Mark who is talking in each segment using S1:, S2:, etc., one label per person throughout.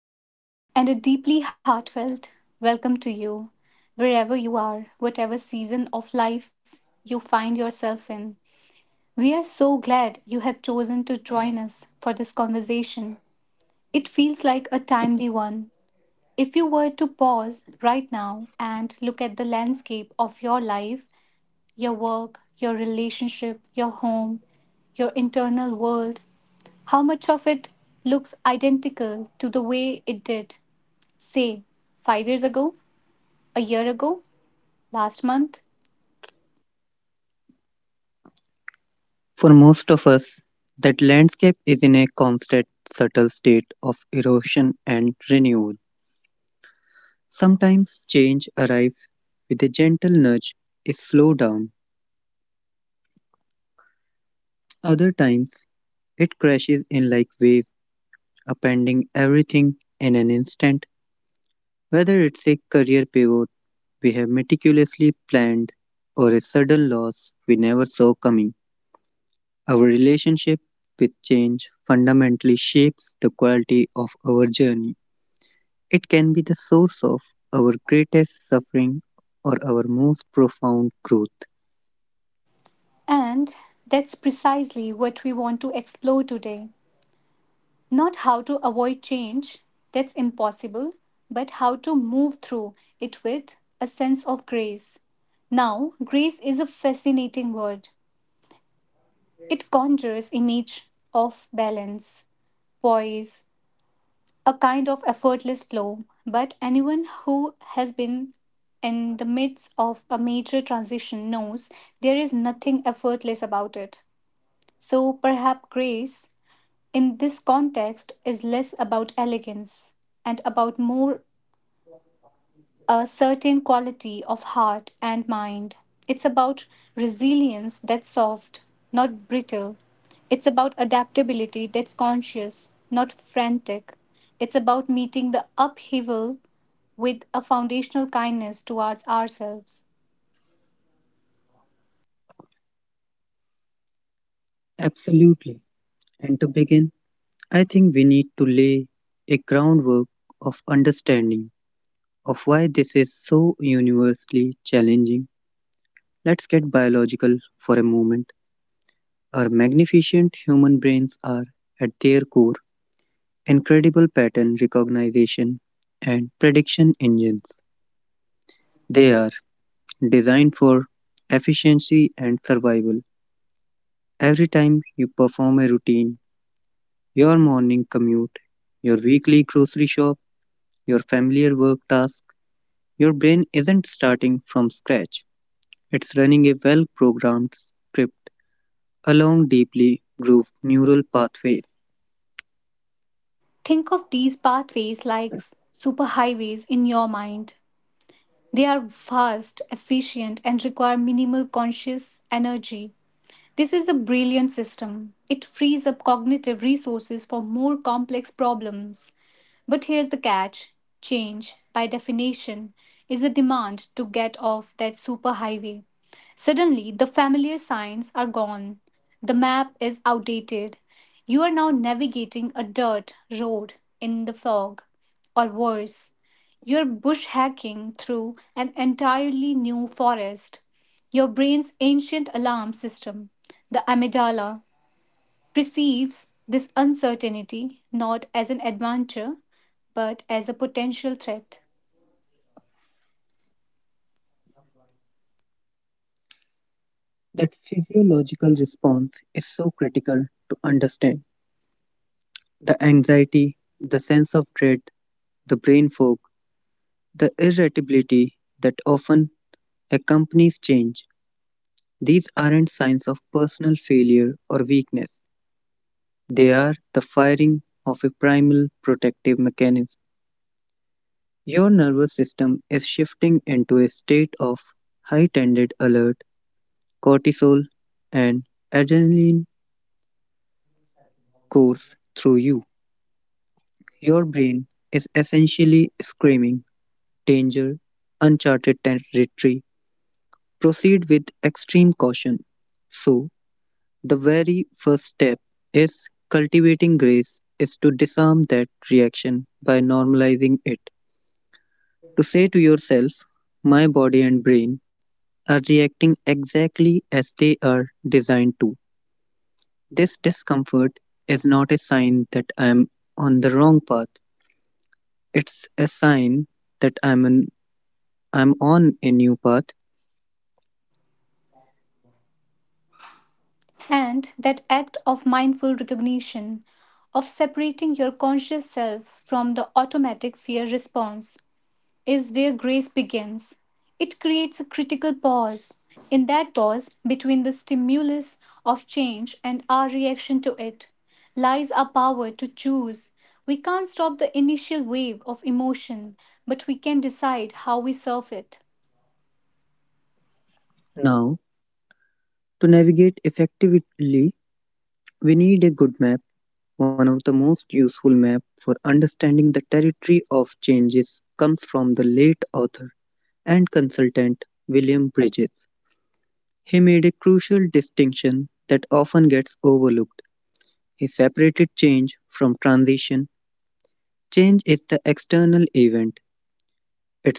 S1: Hello, and a deeply heartfelt welcome to you, wherever you are, whatever season of life you find yourself in. We are so glad you have chosen to join us for this conversation. It feels like a timely one. If you were to pause right now and look at the landscape of your life, your work, your relationship, your home, your internal world, how much of it looks identical to the way it did say, 5 years ago, a year ago, last month.
S2: For most of us, that landscape is in a constant, subtle state of erosion and renewal. Sometimes change arrives with a gentle nudge, a slowdown. Other times, it crashes in like waves, upending everything in an instant. Whether it's a career pivot we have meticulously planned or a sudden loss we never saw coming, our relationship with change fundamentally shapes the quality of our journey. It can be the source of our greatest suffering or our most profound growth.
S1: And that's precisely what we want to explore today. Not how to avoid change, that's impossible, but how to move through it with a sense of grace. Now, grace is a fascinating word. It conjures image of balance, poise, a kind of effortless flow. But anyone who has been in the midst of a major transition knows there is nothing effortless about it. So perhaps grace in this context is less about elegance and about more a certain quality of heart and mind. It's about resilience that's soft, not brittle. It's about adaptability that's conscious, not frantic. It's about meeting the upheaval with a foundational kindness towards ourselves.
S2: Absolutely. And to begin, I think we need to lay a groundwork of understanding of why this is so universally challenging. Let's get biological for a moment. Our magnificent human brains are, at their core, incredible pattern recognition and prediction engines. They are designed for efficiency and survival. Every time you perform a routine, your morning commute, your weekly grocery shop, your familiar work task, your brain isn't starting from scratch. It's running a well programmed script along deeply grooved neural pathways.
S1: Think of these pathways like superhighways in your mind. They are fast, efficient, and require minimal conscious energy. This is a brilliant system. It frees up cognitive resources for more complex problems. But here's the catch change, by definition, is a demand to get off that superhighway. Suddenly, the familiar signs are gone. The map is outdated. You are now navigating a dirt road in the fog, or worse, you're bushhacking through an entirely new forest. Your brain's ancient alarm system, the amygdala, perceives this uncertainty not as an adventure but as a potential threat.
S2: That physiological response is so critical to understand. The anxiety, the sense of dread, the brain fog, the irritability that often accompanies change. These aren't signs of personal failure or weakness. They are the firing of a primal protective mechanism. Your nervous system is shifting into a state of heightened alert, cortisol and adrenaline course through you. Your brain is essentially screaming, danger, uncharted territory, proceed with extreme caution. So, the very first step is cultivating grace is to disarm that reaction by normalizing it. To say to yourself, my body and brain are reacting exactly as they are designed to. This discomfort is not a sign that I am on the wrong path. It's a sign that I'm on a new path.
S1: And that act of mindful recognition, of separating your conscious self from the automatic fear response, is where grace begins. It creates a critical pause. In that pause, between the stimulus of change and our reaction to it, lies our power to choose. We can't stop the initial wave of emotion, but we can decide how we surf it.
S2: Now, to navigate effectively, we need a good map. One of the most useful maps for understanding the territory of changes comes from the late author and consultant William Bridges. He made a crucial distinction that often gets overlooked. He separated change from transition. Change is the external event.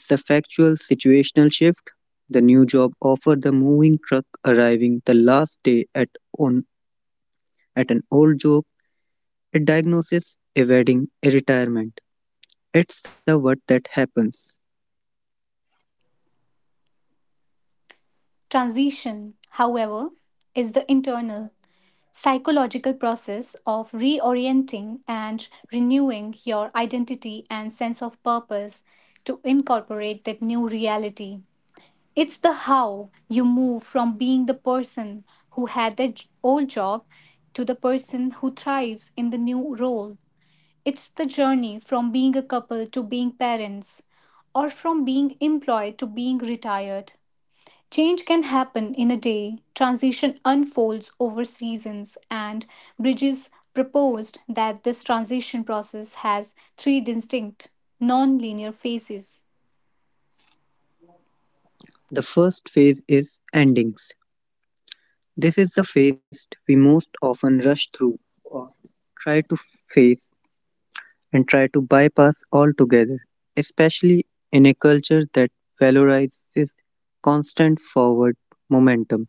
S2: It's the factual situational shift, the new job offer, the moving truck arriving, the last day on at an old job, a diagnosis, a wedding, a retirement. It's the what that happens.
S1: Transition, however, is the internal, psychological process of reorienting and renewing your identity and sense of purpose to incorporate that new reality. It's the how you move from being the person who had the old job to the person who thrives in the new role. It's the journey from being a couple to being parents, or from being employed to being retired. Change can happen in a day, transition unfolds over seasons, and Bridges proposed that this transition process has three distinct, non linear phases.
S2: The first phase is endings. This is the phase we most often rush through or try to face try to bypass altogether, especially in a culture that valorizes constant forward momentum.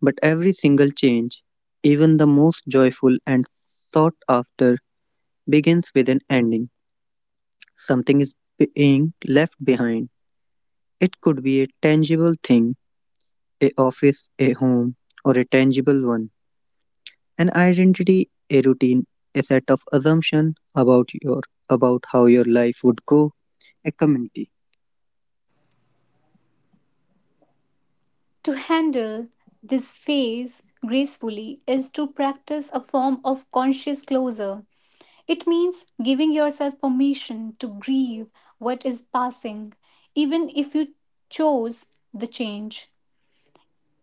S2: But every single change, even the most joyful and sought after, begins with an ending. Something is being left behind. It could be a tangible thing, a office, a home, or a tangible one. An identity, a routine, a set of assumptions about how your life would go, a community.
S1: To handle this phase gracefully is to practice a form of conscious closure. It means giving yourself permission to grieve what is passing, even if you chose the change.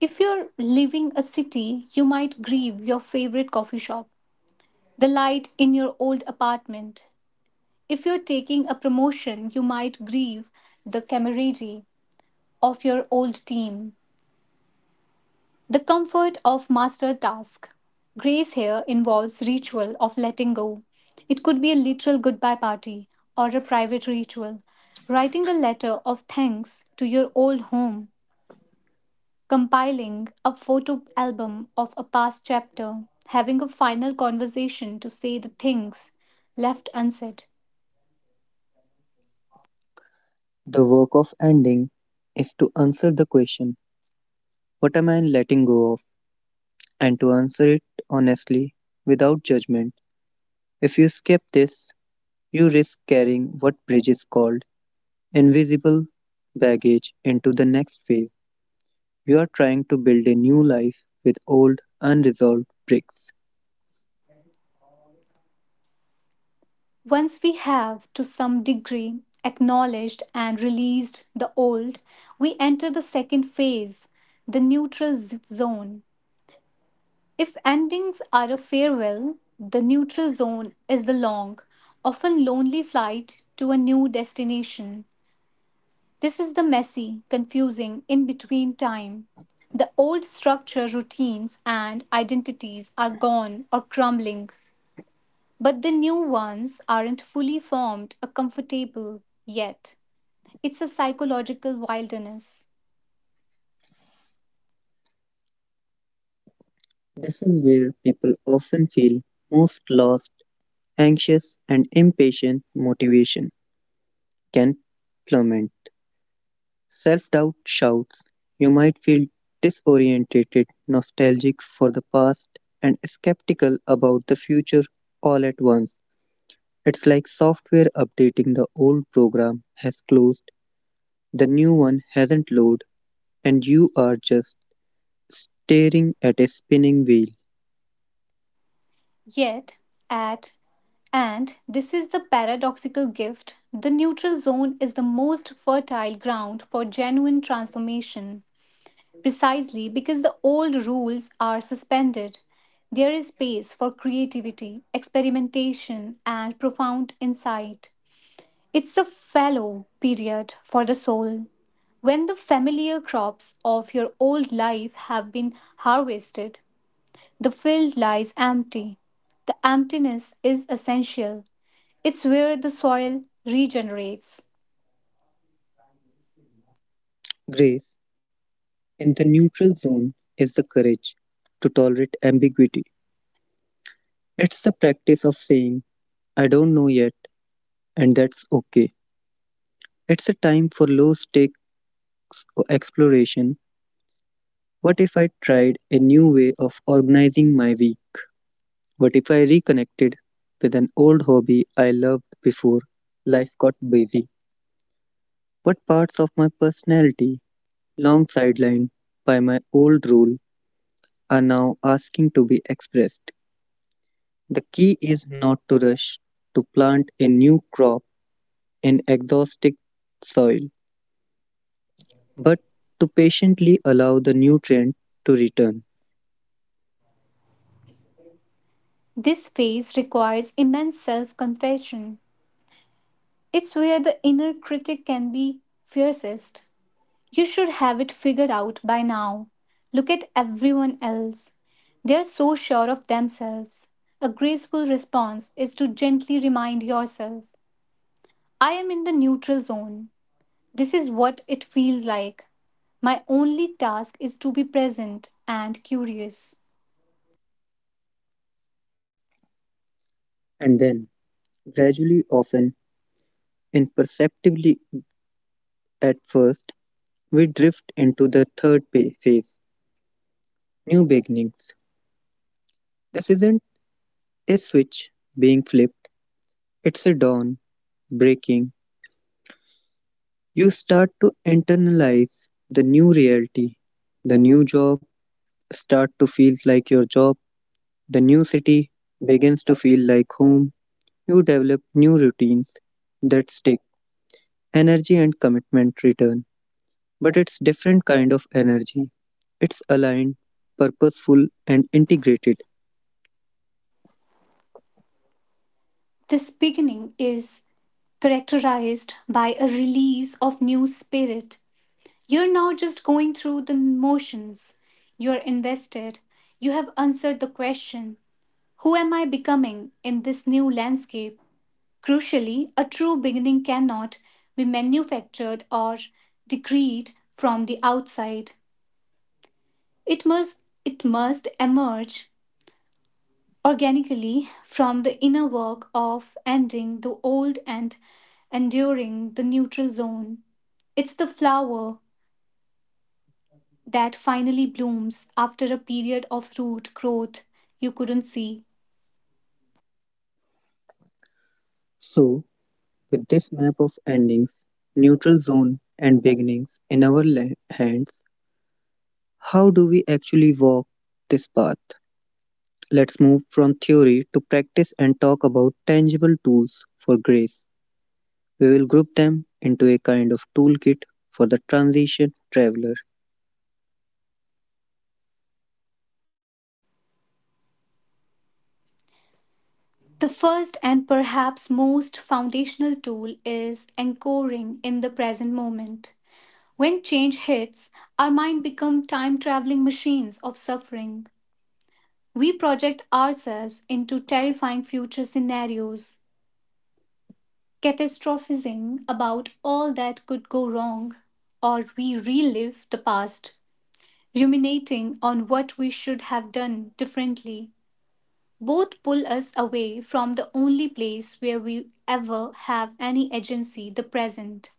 S1: If you're leaving a city, you might grieve your favorite coffee shop, the light in your old apartment. If you're taking a promotion, you might grieve the camaraderie of your old team. The comfort of mastered task. Grace here involves ritual of letting go. It could be a literal goodbye party or a private ritual. Writing a letter of thanks to your old home, compiling a photo album of a past chapter, having a final conversation to say the things left unsaid.
S2: The work of ending is to answer the question, what am I letting go of? And to answer it honestly, without judgment. If you skip this, you risk carrying what Bridges called invisible baggage into the next phase. You are trying to build a new life with old, unresolved bricks.
S1: Once we have, to some degree, acknowledged and released the old, we enter the second phase, the neutral zone. If endings are a farewell, the neutral zone is the long, often lonely flight to a new destination. This is the messy, confusing, in between time. The old structure, routines, and identities are gone or crumbling. But the new ones aren't fully formed or comfortable yet. It's a psychological wilderness.
S2: This is where people often feel most lost, anxious, and impatient. Motivation can plummet. Self doubt shouts. You might feel disoriented, nostalgic for the past, and skeptical about the future all at once. It's like software updating, the old program has closed, the new one hasn't loaded, and you are just staring at a spinning wheel.
S1: Yet, at and this is the paradoxical gift the neutral zone is the most fertile ground for genuine transformation, precisely because the old rules are suspended. There is space for creativity, experimentation, and profound insight. It's a fallow period for the soul. When the familiar crops of your old life have been harvested, the field lies empty. The emptiness is essential. It's where the soil regenerates.
S2: Grace. In the neutral zone is the courage to tolerate ambiguity. It's the practice of saying, I don't know yet, and that's okay. It's a time for low stakes exploration. What if I tried a new way of organizing my week? What if I reconnected with an old hobby I loved before life got busy? What parts of my personality, long sidelined by my old role, are now asking to be expressed? The key is not to rush to plant a new crop in exhausted soil, but to patiently allow the nutrient to return.
S1: This phase requires immense self confession. It's where the inner critic can be fiercest. You should have it figured out by now. Look at everyone else. They are so sure of themselves. A graceful response is to gently remind yourself I am in the neutral zone. This is what it feels like. My only task is to be present and curious.
S2: And then, gradually, often imperceptibly at first, we drift into the third phase, new beginnings. This isn't a switch being flipped, it's a dawn breaking. You start to internalize the new reality. The new job start to feel like your job. The new city begins to feel like home. You develop new routines that stick. Energy and commitment return, but it's different kind of energy. It's aligned, purposeful and integrated.
S1: This beginning is characterized by a release of new spirit. You're now just going through the motions. You're invested. You have answered the question. Who am I becoming in this new landscape? Crucially, a true beginning cannot be manufactured or decreed from the outside. It must emerge organically from the inner work of ending the old and enduring the neutral zone. It's the flower that finally blooms after a period of root growth you couldn't see.
S2: So, with this map of endings, neutral zone and beginnings in our hands, how do we actually walk this path? Let's move from theory to practice and talk about tangible tools for grace. We will group them into a kind of toolkit for the transition traveler.
S1: The first and perhaps most foundational tool is anchoring in the present moment. When change hits, our mind become time traveling machines of suffering. We project ourselves into terrifying future scenarios, catastrophizing about all that could go wrong, or we relive the past, ruminating on what we should have done differently. Both pull us away from the only place where we ever have any agency, the present.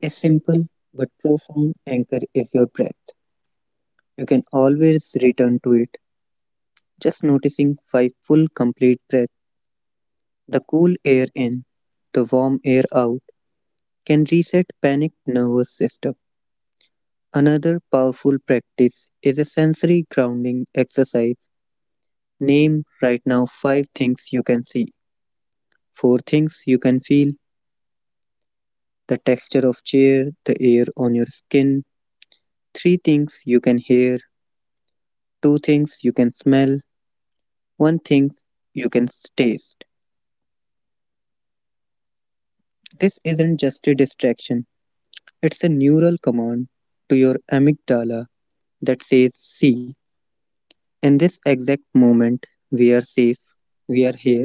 S2: A simple but profound anchor is your breath. You can always return to it, just noticing five full complete breaths. The cool air in, the warm air out can reset panicked nervous system. Another powerful practice is a sensory grounding exercise. Name right now five things you can see, four things you can feel, the texture of chair, the air on your skin, three things you can hear, two things you can smell, one thing you can taste. This isn't just a distraction, it's a neural command to your amygdala that says, see, in this exact moment, we are safe, we are here,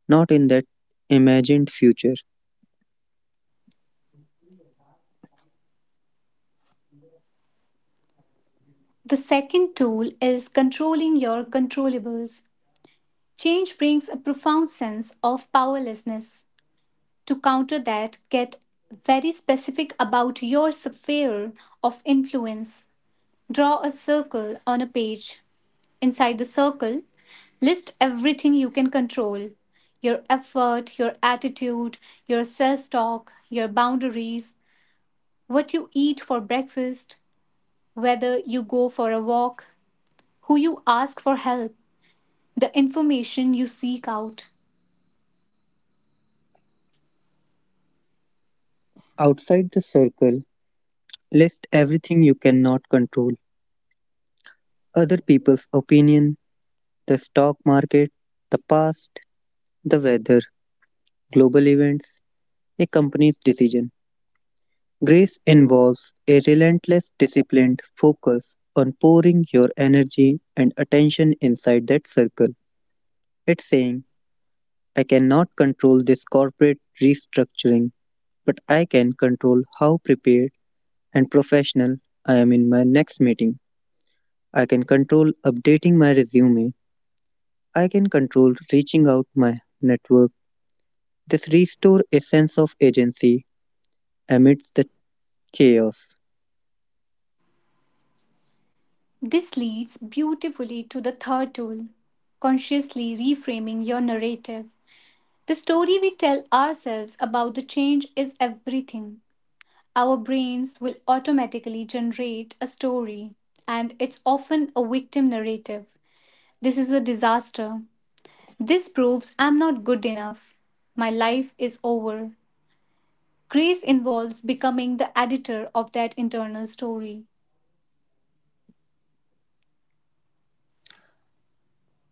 S2: not in that imagined future.
S1: The second tool is controlling your controllables. Change brings a profound sense of powerlessness. To counter that, get very specific about your sphere of influence. Draw a circle on a page. Inside the circle, list everything you can control your effort, your attitude, your self talk, your boundaries, what you eat for breakfast, whether you go for a walk, who you ask for help, the information you seek out.
S2: Outside the circle, list everything you cannot control, other people's opinion, the stock market, the past, the weather, global events, a company's decision. Grace involves a relentless, disciplined focus on pouring your energy and attention inside that circle. It's saying, I cannot control this corporate restructuring, but I can control how prepared and professional I am in my next meeting. I can control updating my resume. I can control reaching out my network. This restore a sense of agency amidst the chaos.
S1: This leads beautifully to the third tool consciously reframing your narrative. The story we tell ourselves about the change is everything. Our brains will automatically generate a story, and it's often a victim narrative. This is a disaster. This proves I'm not good enough. My life is over. Grace involves becoming the editor of that internal story.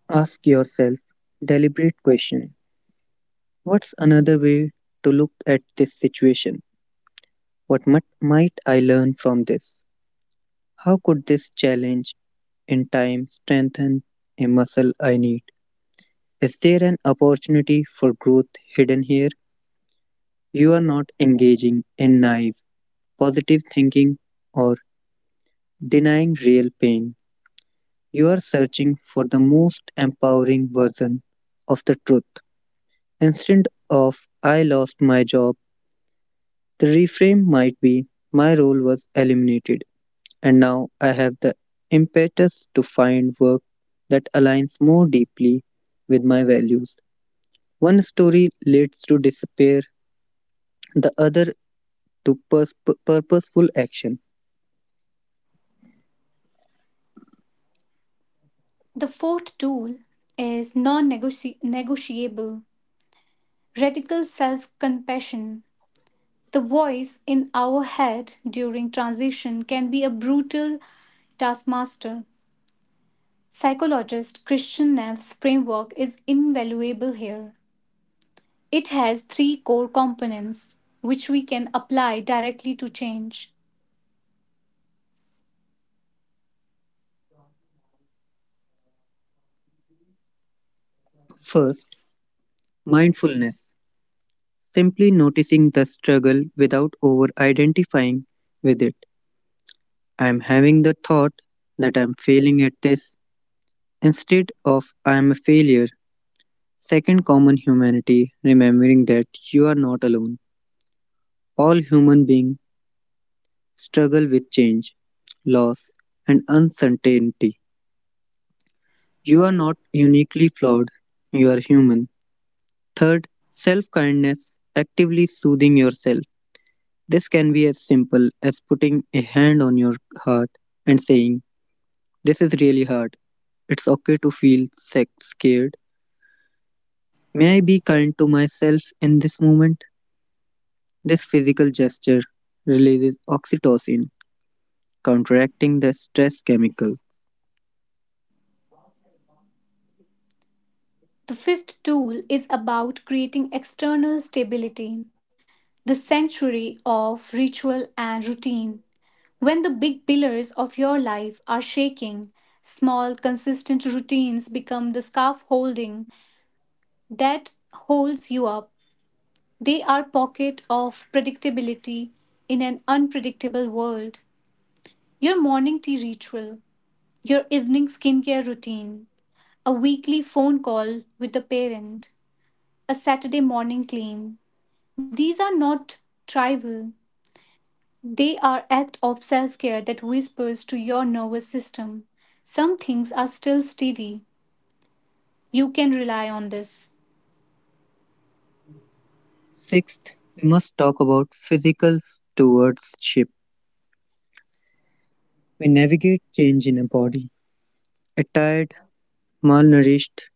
S2: Ask yourself deliberate questions. What's another way to look at this situation? What might I learn from this? How could this challenge in time strengthen a muscle I need? Is there an opportunity for growth hidden here? You are not engaging in naive, positive thinking or denying real pain. You are searching for the most empowering version of the truth. Instead of I lost my job, the reframe might be my role was eliminated, and now I have the impetus to find work that aligns more deeply with my values. One story leads to despair, the other to purposeful action.
S1: The fourth tool is non negotiable radical self compassion. The voice in our head during transition can be a brutal taskmaster. Psychologist Christian Neff's framework is invaluable here. It has three core components which we can apply directly to change.
S2: First, mindfulness, simply noticing the struggle without over identifying with it. I am having the thought that I am failing at this instead of I am a failure. Second, common humanity, remembering that you are not alone. All human beings struggle with change, loss, and uncertainty. You are not uniquely flawed, you are human. Third, self kindness, actively soothing yourself. This can be as simple as putting a hand on your heart and saying, this is really hard. It's okay to feel sex scared. May I be kind to myself in this moment? This physical gesture releases oxytocin, counteracting the stress chemical.
S1: The fifth tool is about creating external stability. The century of ritual and routine. When the big pillars of your life are shaking, small, consistent routines become the scarf holding that holds you up. They are pocket of predictability in an unpredictable world. Your morning tea ritual, your evening skincare routine, a weekly phone call with a parent, a Saturday morning clean. These are not trivial. They are act of self-care that whispers to your nervous system, some things are still steady. You can rely on this.
S2: Sixth, we must talk about physical stewardship. We navigate change in a body. A tired, malnourished,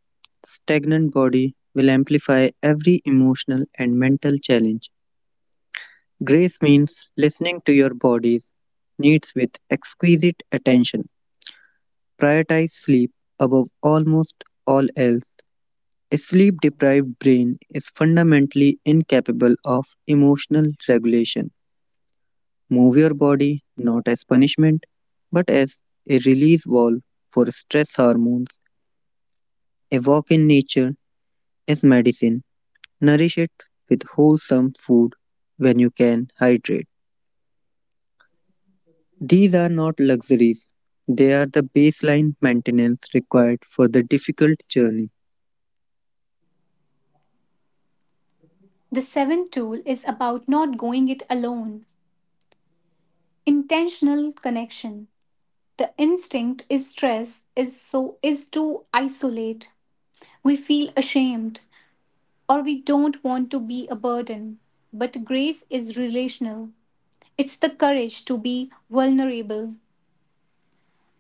S2: stagnant body will amplify every emotional and mental challenge. Grace means listening to your body's needs with exquisite attention. Prioritize sleep above almost all else. A sleep deprived brain is fundamentally incapable of emotional regulation. Move your body not as punishment, but as a release valve for stress hormones. A walk in nature is medicine. Nourish it with wholesome food when you can hydrate. These are not luxuries, they are the baseline maintenance required for the difficult journey.
S1: The seventh tool is about not going it alone. Intentional connection. The instinct is stress is so is to isolate. We feel ashamed or we don't want to be a burden. But grace is relational. It's the courage to be vulnerable.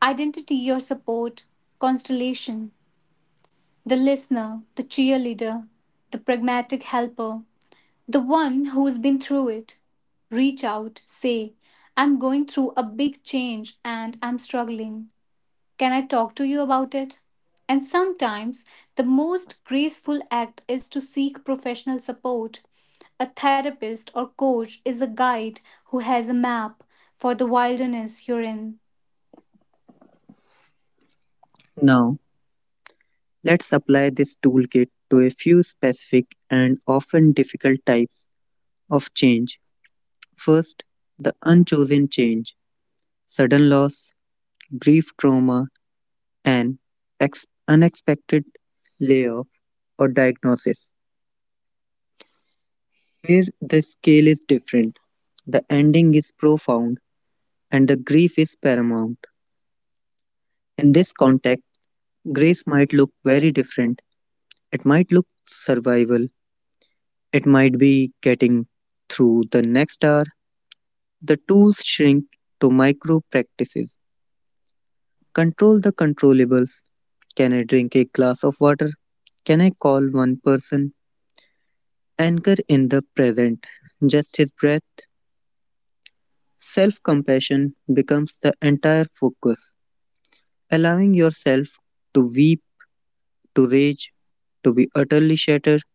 S1: Identity your support, constellation. The listener, the cheerleader, the pragmatic helper, the one who's been through it. Reach out, say, I'm going through a big change and I'm struggling. Can I talk to you about it? And sometimes the most graceful act is to seek professional support. A therapist or coach is a guide who has a map for the wilderness you're in.
S2: Now, let's apply this toolkit to a few specific and often difficult types of change. First, the unchosen change, sudden loss, grief trauma, an unexpected layoff or diagnosis. Here, the scale is different, the ending is profound, and the grief is paramount. In this context, grace might look very different. It might look survival, it might be getting through the next hour. The tools shrink to micro practices. Control the controllables. Can I drink a glass of water? Can I call one person? Anchor in the present, just his breath. Self compassion becomes the entire focus, allowing yourself to weep, to rage, to be utterly shattered.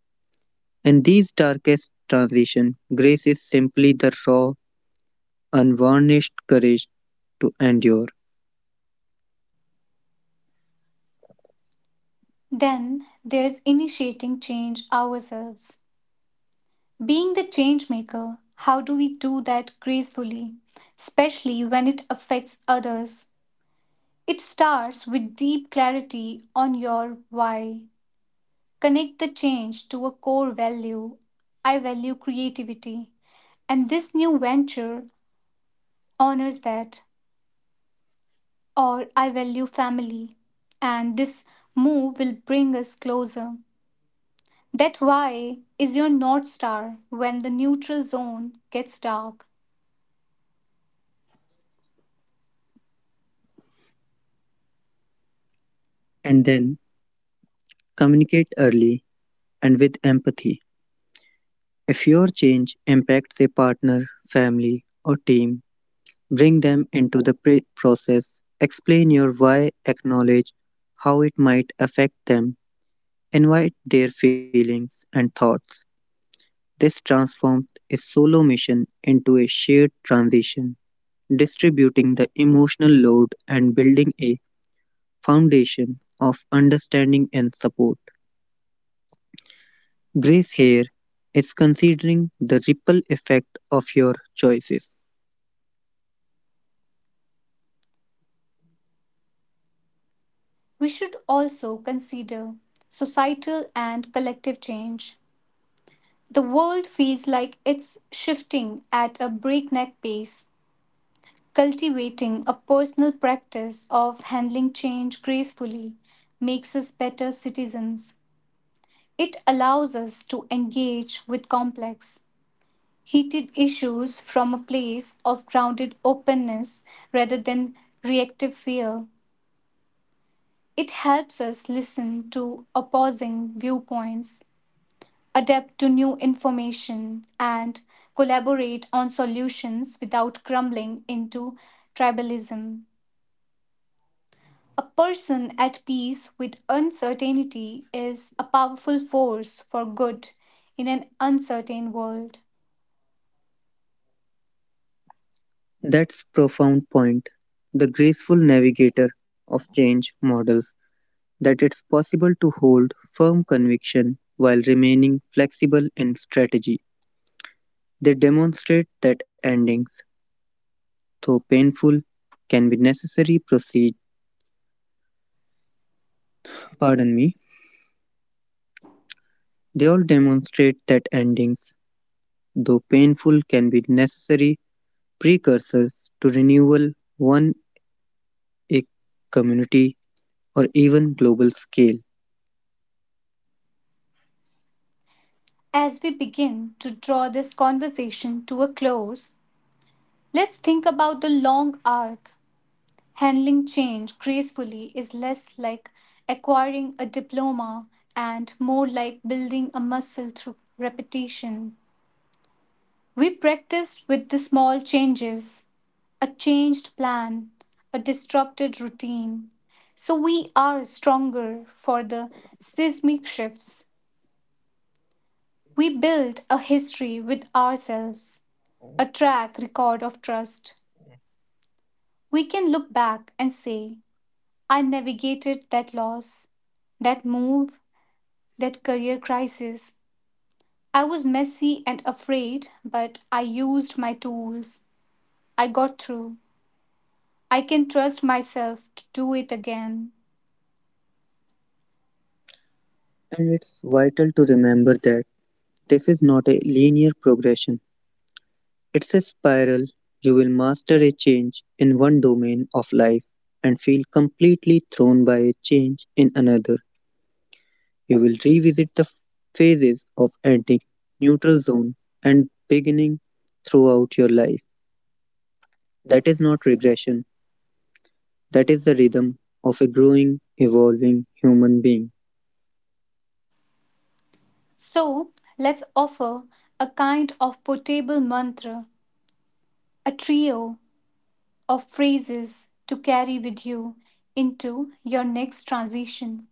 S2: In these darkest transitions, grace is simply the raw, unvarnished courage to endure.
S1: Then there's initiating change ourselves. Being the change maker, how do we do that gracefully, especially when it affects others? It starts with deep clarity on your why. Connect the change to a core value. I value creativity, and this new venture honors that. Or I value family, and this move will bring us closer. That why is your North Star when the neutral zone gets dark.
S2: And then communicate early and with empathy. If your change impacts a partner, family, or team, bring them into the process. Explain your why, acknowledge how it might affect them, invite their feelings and thoughts. This transforms a solo mission into a shared transition, distributing the emotional load and building a foundation of understanding and support. Grace here is considering the ripple effect of your choices.
S1: We should also consider societal and collective change. The world feels like it's shifting at a breakneck pace. Cultivating a personal practice of handling change gracefully makes us better citizens. It allows us to engage with complex, heated issues from a place of grounded openness rather than reactive fear. It helps us listen to opposing viewpoints adapt to new information, and collaborate on solutions without crumbling into tribalism. A person at peace with uncertainty is a powerful force for good in an uncertain world.
S2: That's profound point. The graceful navigator of change models that it's possible to hold firm conviction while remaining flexible in strategy. They demonstrate that endings, though painful, can be necessary proceed, pardon me. They all demonstrate that endings, though painful, can be necessary precursors to renewal on a community or even global scale.
S1: As we begin to draw this conversation to a close, let's think about the long arc. Handling change gracefully is less like acquiring a diploma and more like building a muscle through repetition. We practice with the small changes, a changed plan, a disrupted routine. So we are stronger for the seismic shifts. We build a history with ourselves, a track record of trust. We can look back and say, I navigated that loss, that move, that career crisis. I was messy and afraid, but I used my tools. I got through. I can trust myself to do it again.
S2: And it's vital to remember that this is not a linear progression. It's a spiral. You will master a change in one domain of life and feel completely thrown by a change in another. You will revisit the phases of ending, neutral zone, and beginning throughout your life. That is not regression, that is the rhythm of a growing, evolving human being.
S1: So, let's offer a kind of portable mantra, a trio of phrases to carry with you into your next transition,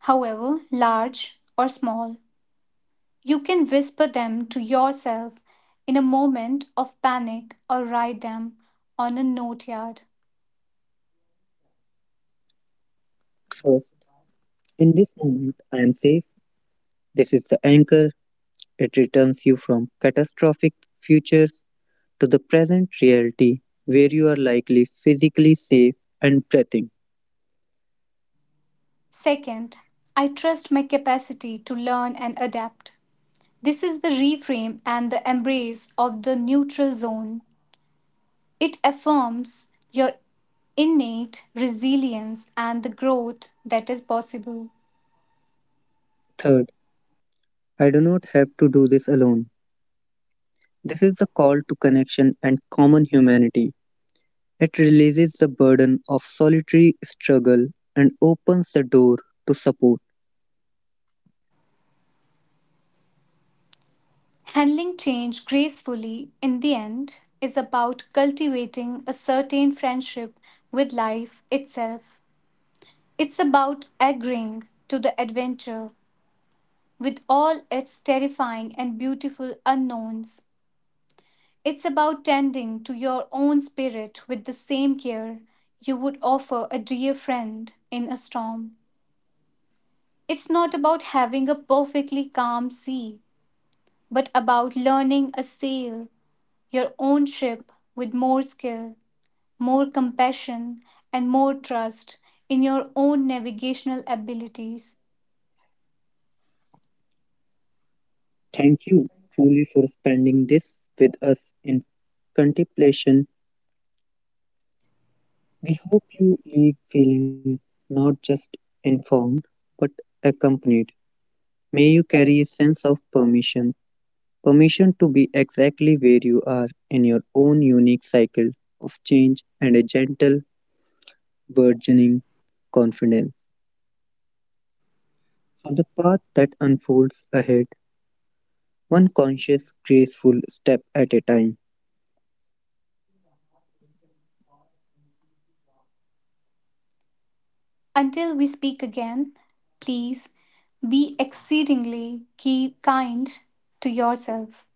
S1: however large or small. You can whisper them to yourself in a moment of panic or write them on a notepad.
S2: First, in this moment, I am safe. This is the anchor. It returns you from catastrophic futures to the present reality where you are likely physically safe and breathing.
S1: Second, I trust my capacity to learn and adapt. This is the reframe and the embrace of the neutral zone. It affirms your innate resilience and the growth that is possible.
S2: Third, I do not have to do this alone. This is the call to connection and common humanity. It releases the burden of solitary struggle and opens the door to support.
S1: Handling change gracefully in the end is about cultivating a certain friendship with life itself. It's about agreeing to the adventure with all its terrifying and beautiful unknowns. It's about tending to your own spirit with the same care you would offer a dear friend in a storm. It's not about having a perfectly calm sea, but about learning a sail your own ship with more skill, more compassion, and more trust in your own navigational abilities.
S2: Thank you truly for spending this with us in contemplation. We hope you leave feeling not just informed but accompanied. May you carry a sense of permission to be exactly where you are in your own unique cycle of change and a gentle, burgeoning confidence. For the path that unfolds ahead, one conscious, graceful step at a time.
S1: Until we speak again, please be exceedingly kind to yourself.